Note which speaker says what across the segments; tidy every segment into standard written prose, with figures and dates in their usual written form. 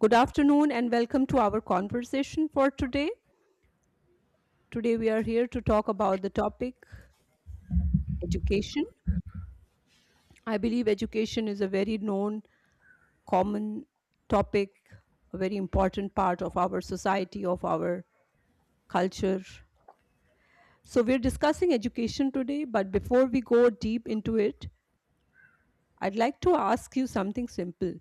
Speaker 1: Good afternoon and welcome to our conversation for today. Today we are here to talk about the topic education. I believe education is a very known, common topic, a very important part of our society, of our culture. So we're discussing education today, but before we go deep into it, I'd like to ask you something simple.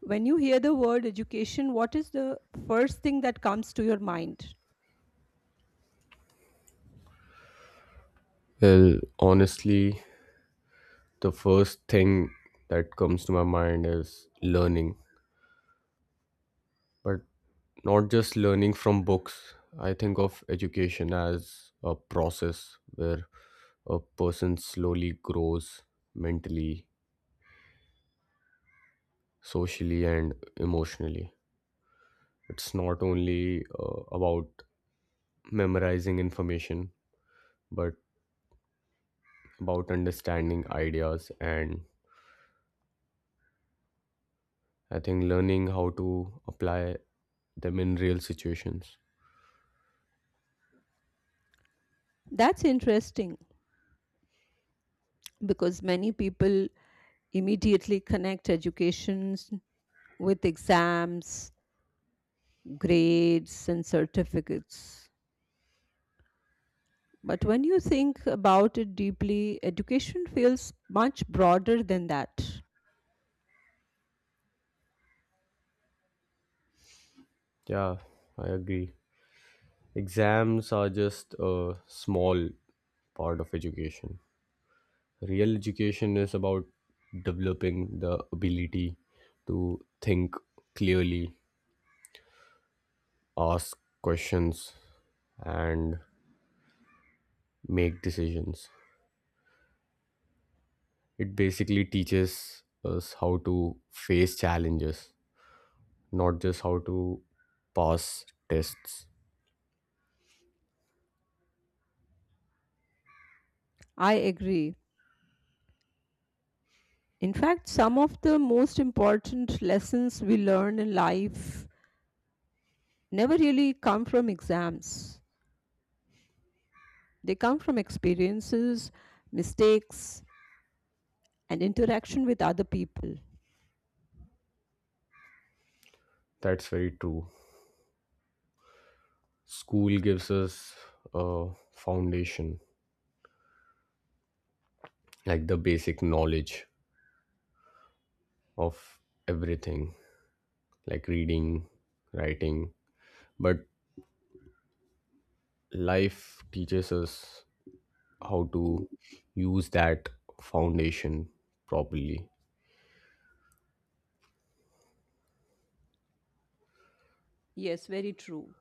Speaker 1: When you hear the word education, what is the first thing that comes to your mind?
Speaker 2: Well, honestly, the first thing that comes to my mind is learning, but not just learning from books. I think of education as a process where a person slowly grows mentally, socially, and emotionally. It's not only about memorizing information, but about understanding ideas. And I think learning how to apply them in real situations.
Speaker 1: That's interesting because many people immediately connect educations with exams, grades, and certificates. But when you think about it deeply, education feels much broader than that.
Speaker 2: Yeah, I agree. Exams are just a small part of education. Real education is about developing the ability to think clearly, ask questions, and make decisions. It basically teaches us how to face challenges, not just how to pass tests.
Speaker 1: I agree. In fact, some of the most important lessons we learn in life never really come from exams. They come from experiences, mistakes, and interaction with other people.
Speaker 2: That's very true. School gives us a foundation, like the basic knowledge of everything, like reading, writing, but life teaches us how to use that foundation properly.
Speaker 1: Yes, very true.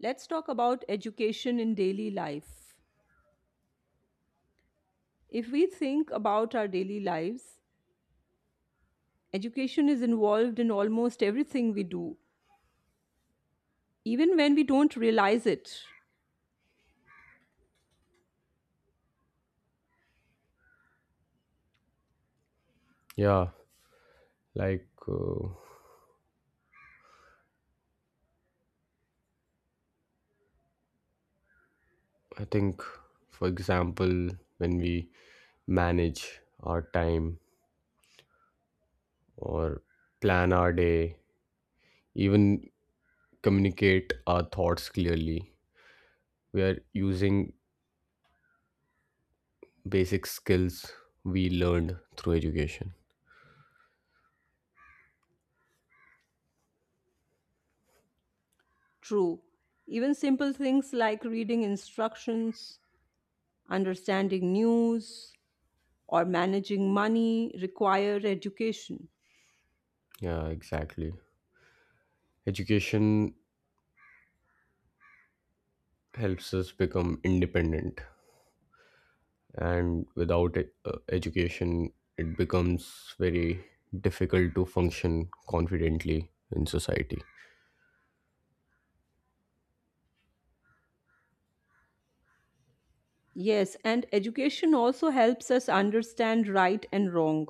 Speaker 1: Let's talk about education in daily life. If we think about our daily lives, education is involved in almost everything we do, even when we don't realize it.
Speaker 2: Yeah, like I think, for example, when we manage our time or plan our day, even communicate our thoughts clearly, we are using basic skills we learned through education.
Speaker 1: True. Even simple things like reading instructions, understanding news, or managing money require education.
Speaker 2: Yeah, exactly. Education helps us become independent, and without education, it becomes very difficult to function confidently in society.
Speaker 1: Yes, and education also helps us understand right and wrong.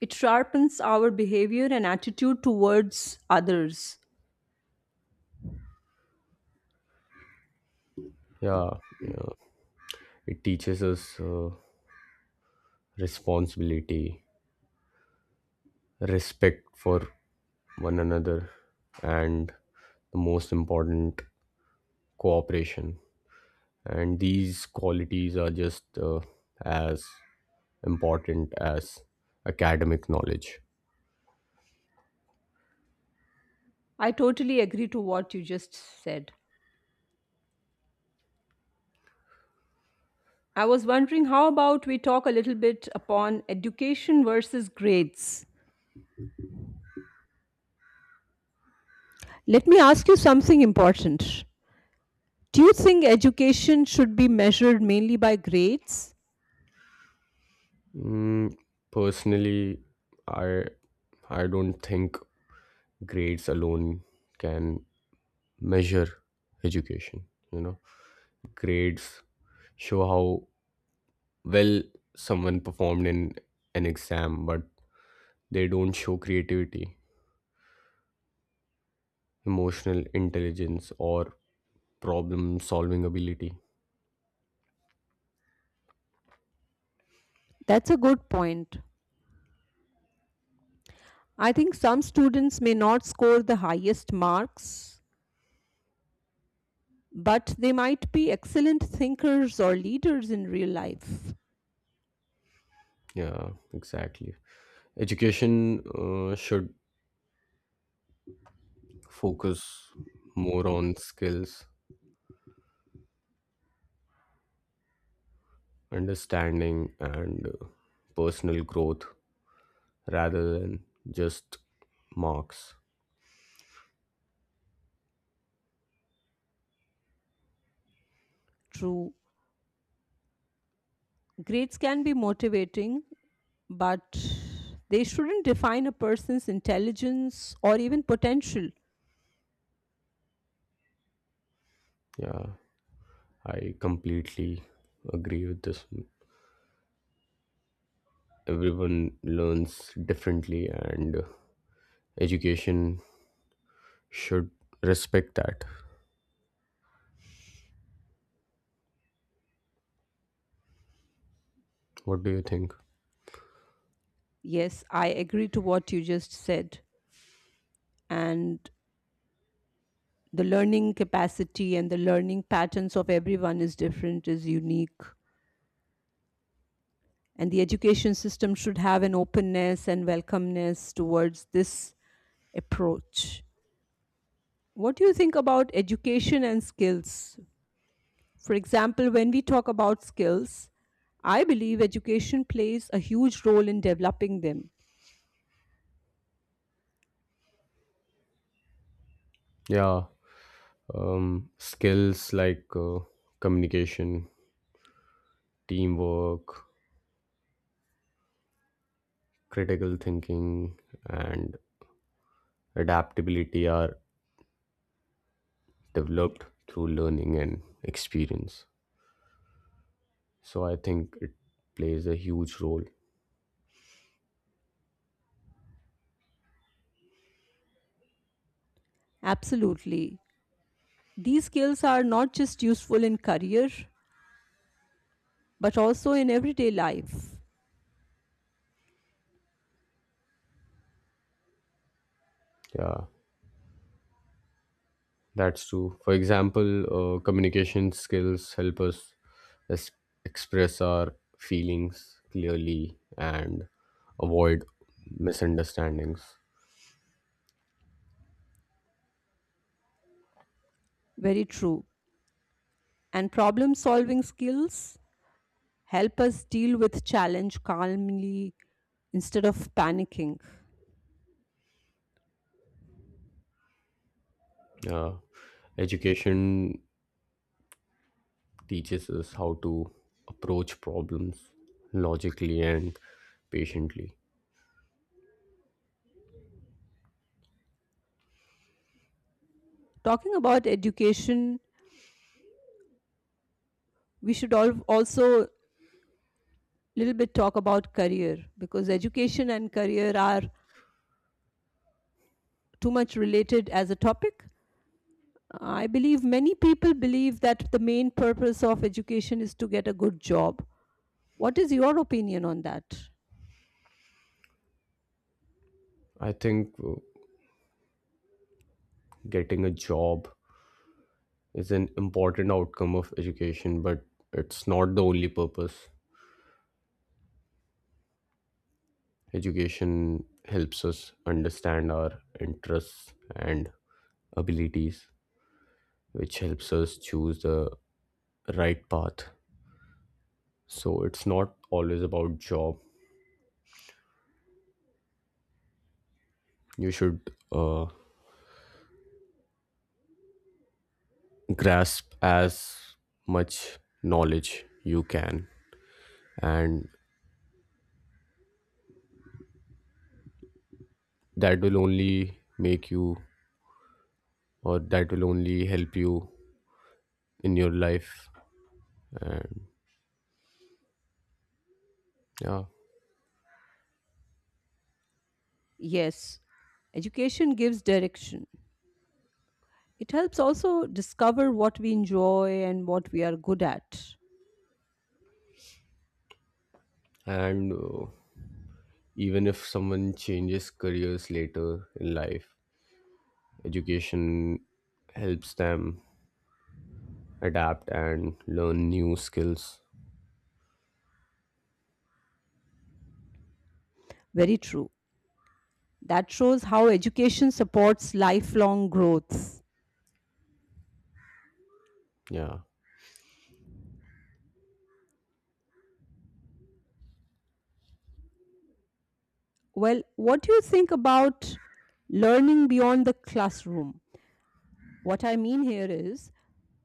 Speaker 1: It sharpens our behavior and attitude towards others.
Speaker 2: Yeah, yeah, it teaches us responsibility, respect for one another, and the most important, cooperation. And these qualities are just as important as academic knowledge.
Speaker 1: I totally agree to what you just said. I was wondering how about we talk a little bit upon education versus grades. Let me ask you something important. Do you think education should be measured mainly by grades?
Speaker 2: Mm, personally, I I don't think grades alone can measure education. You know, grades show how well someone performed in an exam, but they don't show creativity, emotional intelligence, or problem solving ability.
Speaker 1: That's a good point. I think some students may not score the highest marks, but they might be excellent thinkers or leaders in real life.
Speaker 2: Yeah, exactly. Education should focus more on skills, understanding, and personal growth rather than just marks.
Speaker 1: True, grades can be motivating, but they shouldn't define a person's intelligence or even potential.
Speaker 2: Yeah, I completely agree with this. Everyone learns differently, and education should respect that. What do you think?
Speaker 1: Yes, I agree to what you just said. And the learning capacity and the learning patterns of everyone is different, is unique. And the education system should have an openness and welcomeness towards this approach. What do you think about education and skills? For example, when we talk about skills, I believe education plays a huge role in developing them.
Speaker 2: Yeah, skills like communication, teamwork, critical thinking, and adaptability are developed through learning and experience. So I think it plays a huge role.
Speaker 1: Absolutely. These skills are not just useful in career, but also in everyday life.
Speaker 2: Yeah, that's true. For example, communication skills help us es- express our feelings clearly and avoid misunderstandings.
Speaker 1: Very true. And problem solving skills help us deal with challenge calmly instead of panicking.
Speaker 2: Yeah, education teaches us how to approach problems logically and patiently.
Speaker 1: Talking about education, we should also little bit talk about career because education and career are too much related as a topic. I believe many people believe that the main purpose of education is to get a good job. What is your opinion on that?
Speaker 2: I think getting a job is an important outcome of education, but it's not the only purpose. Education helps us understand our interests and abilities, which helps us choose the right path. So it's not always about job. You should grasp as much knowledge you can, and that will only make you, or that will only help you in your life. And yeah,
Speaker 1: Yes, education gives direction. It helps also discover what we enjoy and what we are good at.
Speaker 2: and even if someone changes careers later in life, education helps them adapt and learn new skills.
Speaker 1: Very true. That shows how education supports lifelong growth.
Speaker 2: Yeah.
Speaker 1: Well, what do you think about learning beyond the classroom? What I mean here is,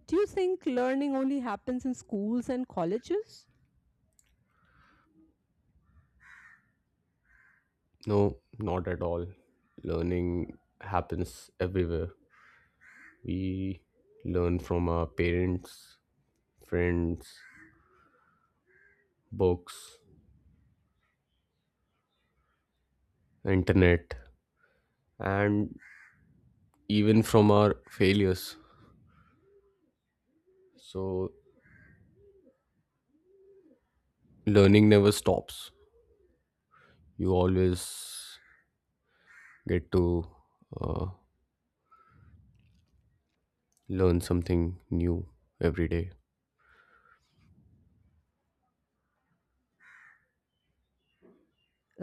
Speaker 1: do you think learning only happens in schools and colleges?
Speaker 2: No, not at all. Learning happens everywhere. We learn from our parents, friends, books, internet, and even from our failures. So, learning never stops. You always get to uh, learn something new every day.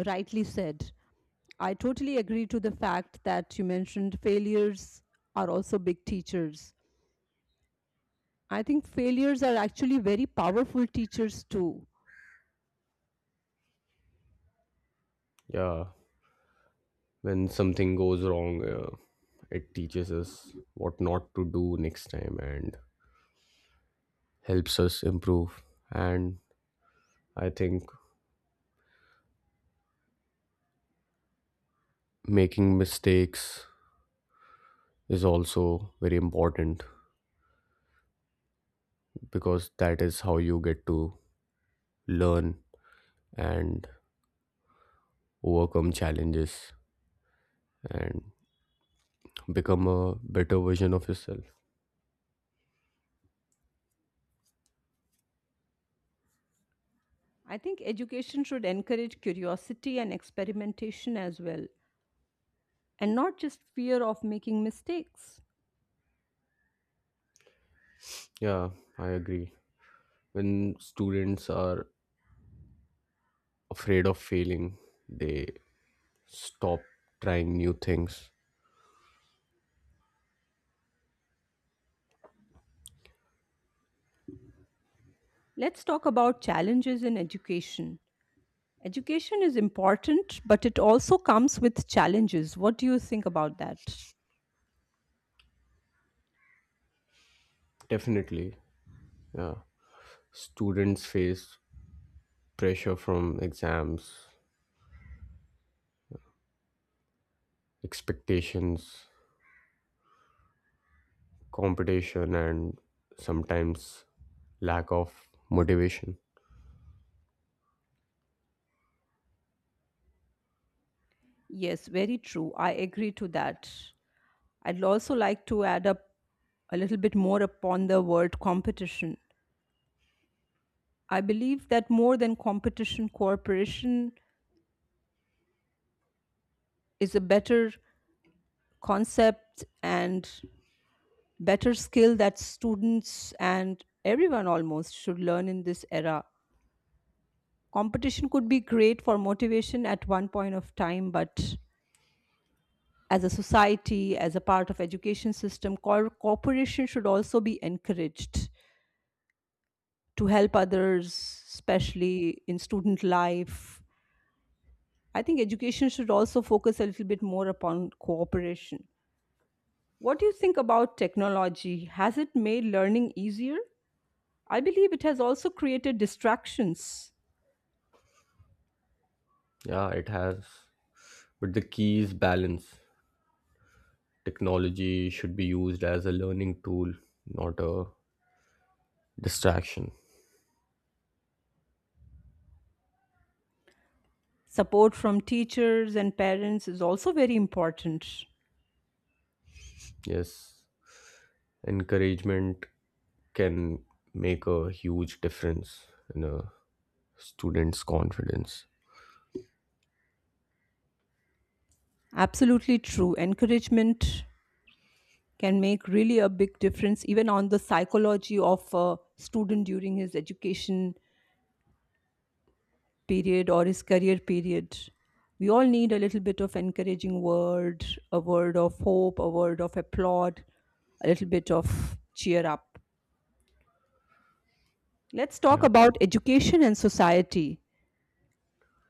Speaker 1: Rightly said. I totally agree to the fact that you mentioned failures are also big teachers. I think failures are actually very powerful teachers too.
Speaker 2: Yeah. When something goes wrong, it teaches us what not to do next time and helps us improve. And I think making mistakes is also very important, because that is how you get to learn and overcome challenges and become a better version of yourself.
Speaker 1: I think education should encourage curiosity and experimentation as well, and not just fear of making mistakes.
Speaker 2: Yeah, I agree. When students are afraid of failing, they stop trying new things.
Speaker 1: Let's talk about challenges in education. Education is important, but it also comes with challenges. What do you think about that?
Speaker 2: Definitely. Students face pressure from exams, expectations, competition, and sometimes lack of motivation.
Speaker 1: Yes, very true. I agree to that. I'd also like to add up a little bit more upon the word competition. I believe that more than competition, cooperation is a better concept and better skill that students and everyone almost should learn in this era. Competition could be great for motivation at one point of time, but as a society, as a part of education system, cooperation should also be encouraged to help others, especially in student life. I think education should also focus a little bit more upon cooperation. What do you think about technology? Has it made learning easier? I believe it has also created distractions.
Speaker 2: Yeah, it has. But the key is balance. Technology should be used as a learning tool, not a distraction.
Speaker 1: Support from teachers and parents is also very important.
Speaker 2: Yes, encouragement can make a huge difference in a student's confidence.
Speaker 1: Absolutely true. Encouragement can make really a big difference, even on the psychology of a student during his education period or his career period. We all need a little bit of encouraging word, a word of hope, a word of applaud, a little bit of cheer up. Let's talk
Speaker 2: Yeah.
Speaker 1: about education and society.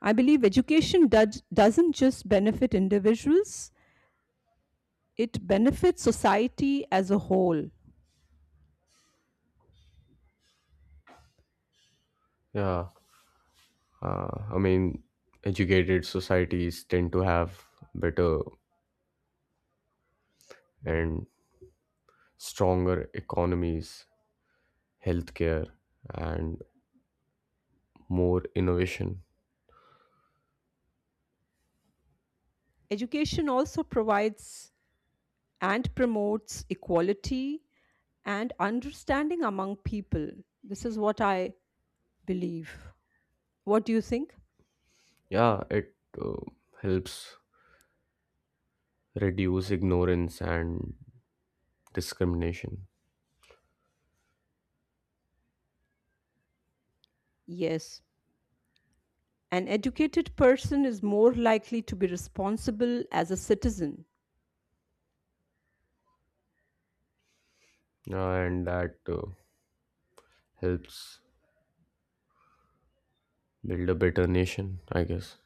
Speaker 1: I believe doesn't just benefit individuals, it benefits society as a whole.
Speaker 2: Yeah, I mean, educated societies tend to have better and stronger economies, healthcare, and more innovation.
Speaker 1: Education also provides and promotes equality and understanding among people. This is what I believe. What do you think?
Speaker 2: Yeah, it uh, helps reduce ignorance and discrimination.
Speaker 1: Yes, an educated person is more likely to be responsible as a citizen.
Speaker 2: And that helps build a better nation, I guess.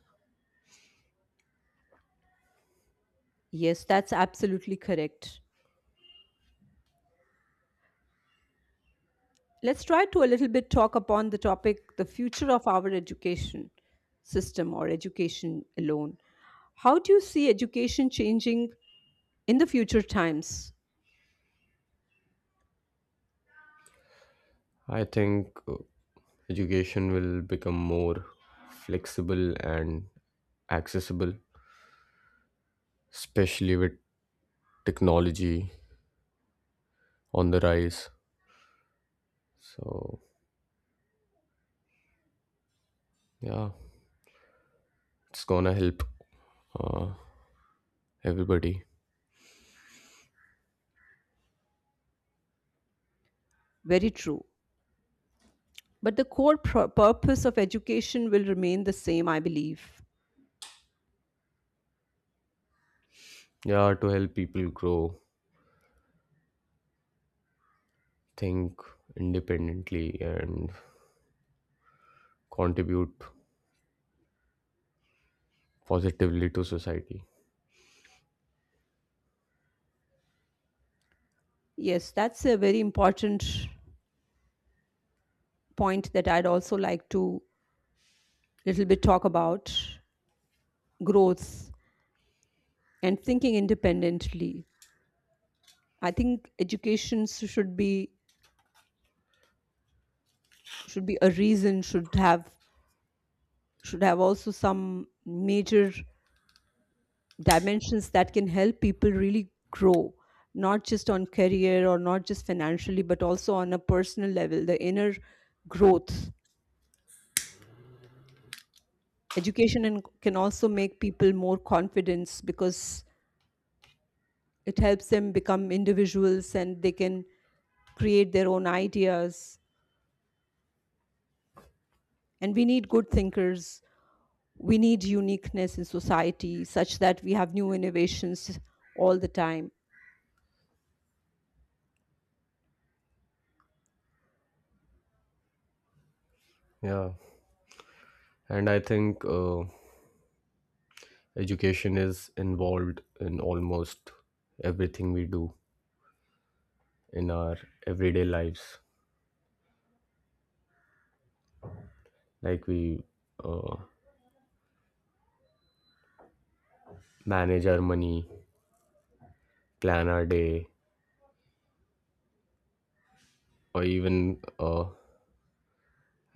Speaker 1: Yes, that's absolutely correct. Let's try to a little bit talk upon the topic the future of our education system or education alone. How do you see education changing in the future times?
Speaker 2: I think education will become more flexible and accessible, especially with technology on the rise. So yeah, it's gonna help uh, everybody.
Speaker 1: Very true. But the core purpose of education will remain the same, I believe.
Speaker 2: Yeah, to help people grow, think independently, and contribute positively to society.
Speaker 1: Yes, that's a very important point that I'd also like to little bit talk about growth and thinking independently. I think education s- should be a reason should have also some major dimensions that can help people really grow, not just on career or not just financially, but also on a personal level, the inner growth. Education and can also make people more confidence because it helps them become individuals and they can create their own ideas. And we need good thinkers. We need uniqueness in society such that we have new innovations all the time.
Speaker 2: Yeah, and I think education is involved in almost everything we do in our everyday lives. Like we uh, manage our money, plan our day, or even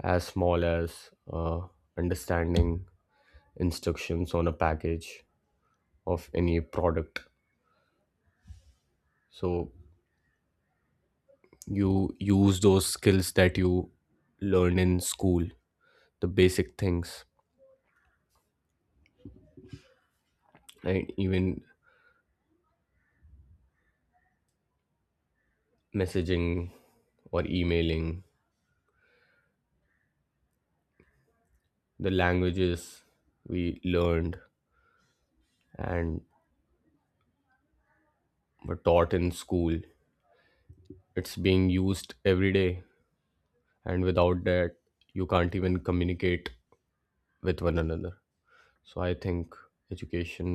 Speaker 2: as small as understanding instructions on a package of any product. So you use those skills that you learn in school, the basic things, and even messaging or emailing, the languages we learned and were taught in school, it's being used every day. And without that, you can't even communicate with one another. So I think education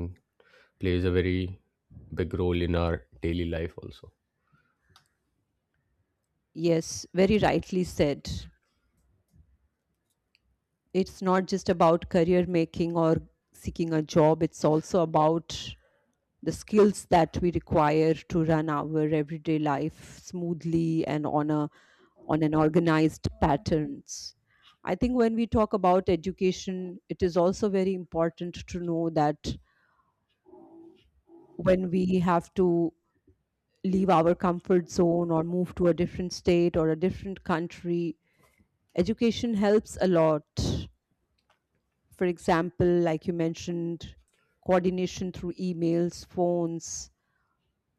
Speaker 2: plays a very big role in our daily life also.
Speaker 1: Yes, very rightly said. It's not just about career making or seeking a job, it's also about the skills that we require to run our everyday life smoothly and on a on an organized patterns. I think when we talk about education, it is also very important to know that when we have to leave our comfort zone or move to a different state or a different country. Education helps a lot. For example, like you mentioned, coordination through emails, phones,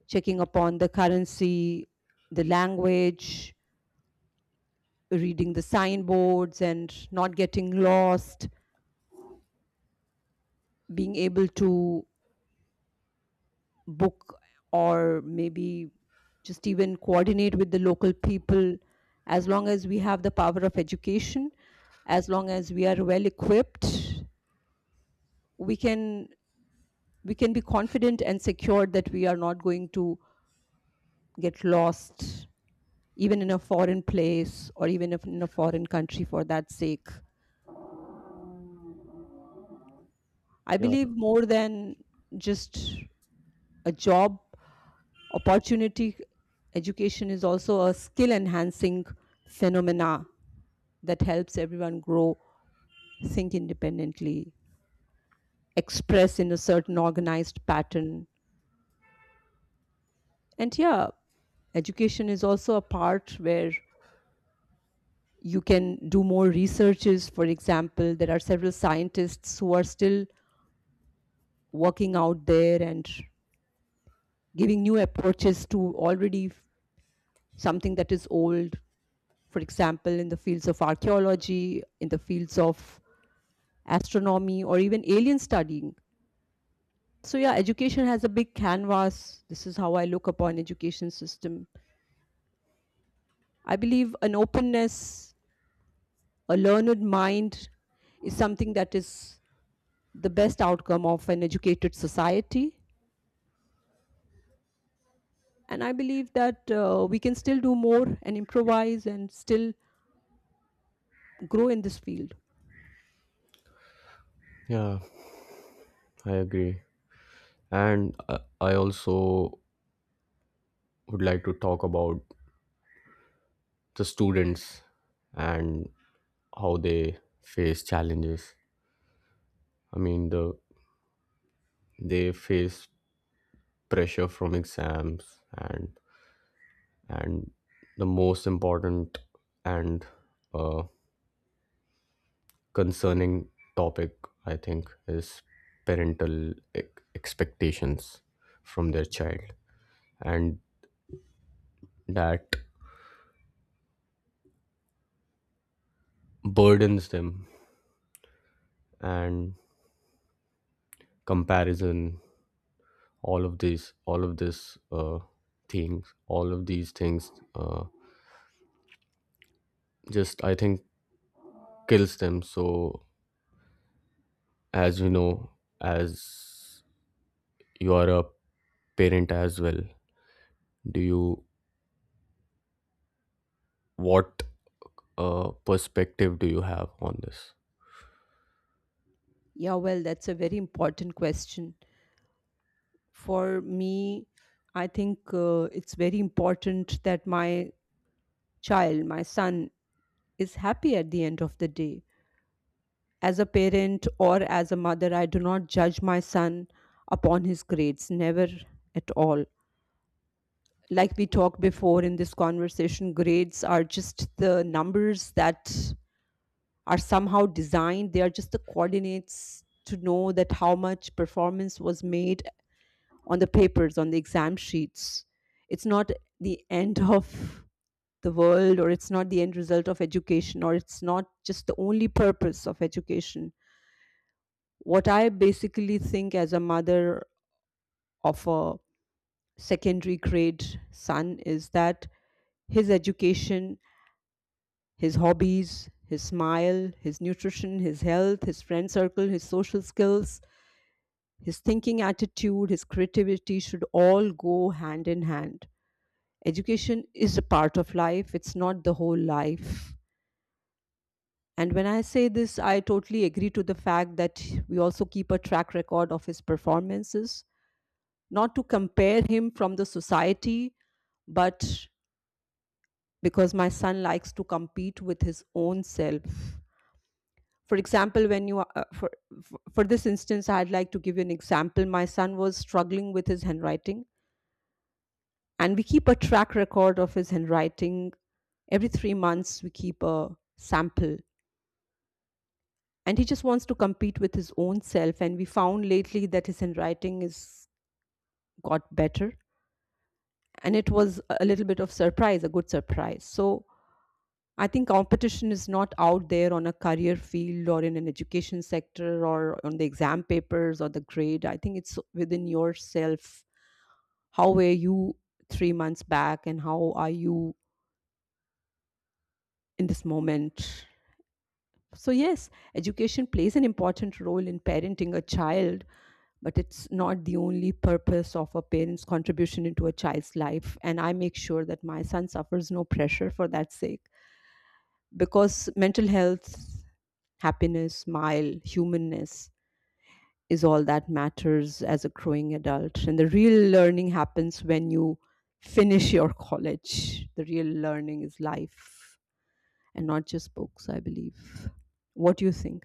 Speaker 1: checking upon the currency, the language, reading the signboards and not getting lost, being able to book or maybe just even coordinate with the local people. As long as we have the power of education, as long as we are well equipped, we can be confident and secure that we are not going to get lost even in a foreign place or even if in a foreign country for that sake. I
Speaker 2: Yeah,
Speaker 1: believe more than just a job opportunity, education is also a skill enhancing phenomena that helps everyone grow, think independently, express in a certain organized pattern. And yeah, education is also a part where you can do more researches. For example, there are several scientists who are still working out there and giving new approaches to already something that is old. For example, in the fields of archaeology, in the fields of astronomy, or even alien studying. So yeah, education has a big canvas. This is how I look upon education system. I believe an openness, a learned mind is something that is the best outcome of an educated society. And I believe that we can still do more and improvise and still grow in this field.
Speaker 2: yeah, I agree. And I also would like to talk about the students and how they face challenges. I mean, they face pressure from exams, and and the most important and uh, concerning topic, I think, is parental e- expectations from their child, and that burdens them, and comparison, all of these all of this things all of these things just, I think, kills them. So as you know, as you are a parent as well, do you, what perspective do you have on this?
Speaker 1: Yeah, well, that's a very important question. For me, I think it's very important that my child, my son, is happy at the end of the day. As a parent or as a mother, I do not judge my son upon his grades, never at all. Like we talked before in this conversation, grades are just the numbers that are somehow designed, they are just the coordinates to know that how much performance was made on the papers, on the exam sheets. It's not the end of the world or it's not the end result of education or it's not just the only purpose of education. What I basically think as a mother of a secondary grade son is that his education, his hobbies, his smile, his nutrition, his health, his friend circle, his social skills, his thinking attitude, his creativity should all go hand in hand. Education is a part of life, it's not the whole life. And when I say this, I totally agree to the fact that we also keep a track record of his performances, not to compare him from the society, but because my son likes to compete with his own self. For example, when you for this instance, I'd like to give you an example. My son was struggling with his handwriting, and we keep a track record of his handwriting. Every 3 months, we keep a sample, and he just wants to compete with his own self. And we found lately that his handwriting is got better, and it was a little bit of surprise, a good surprise. So I think competition is not out there on a career field or in an education sector or on the exam papers or the grade. I think it's within yourself. How were you 3 months back and how are you in this moment? So, yes, education plays an important role in parenting a child, but it's not the only purpose of a parent's contribution into a child's life. And I make sure that my son suffers no pressure for that sake. Because mental health, happiness, smile, humanness is all that matters as a growing adult. And the real learning happens when you finish your college. The real learning is life and not just books, I believe. What do you think?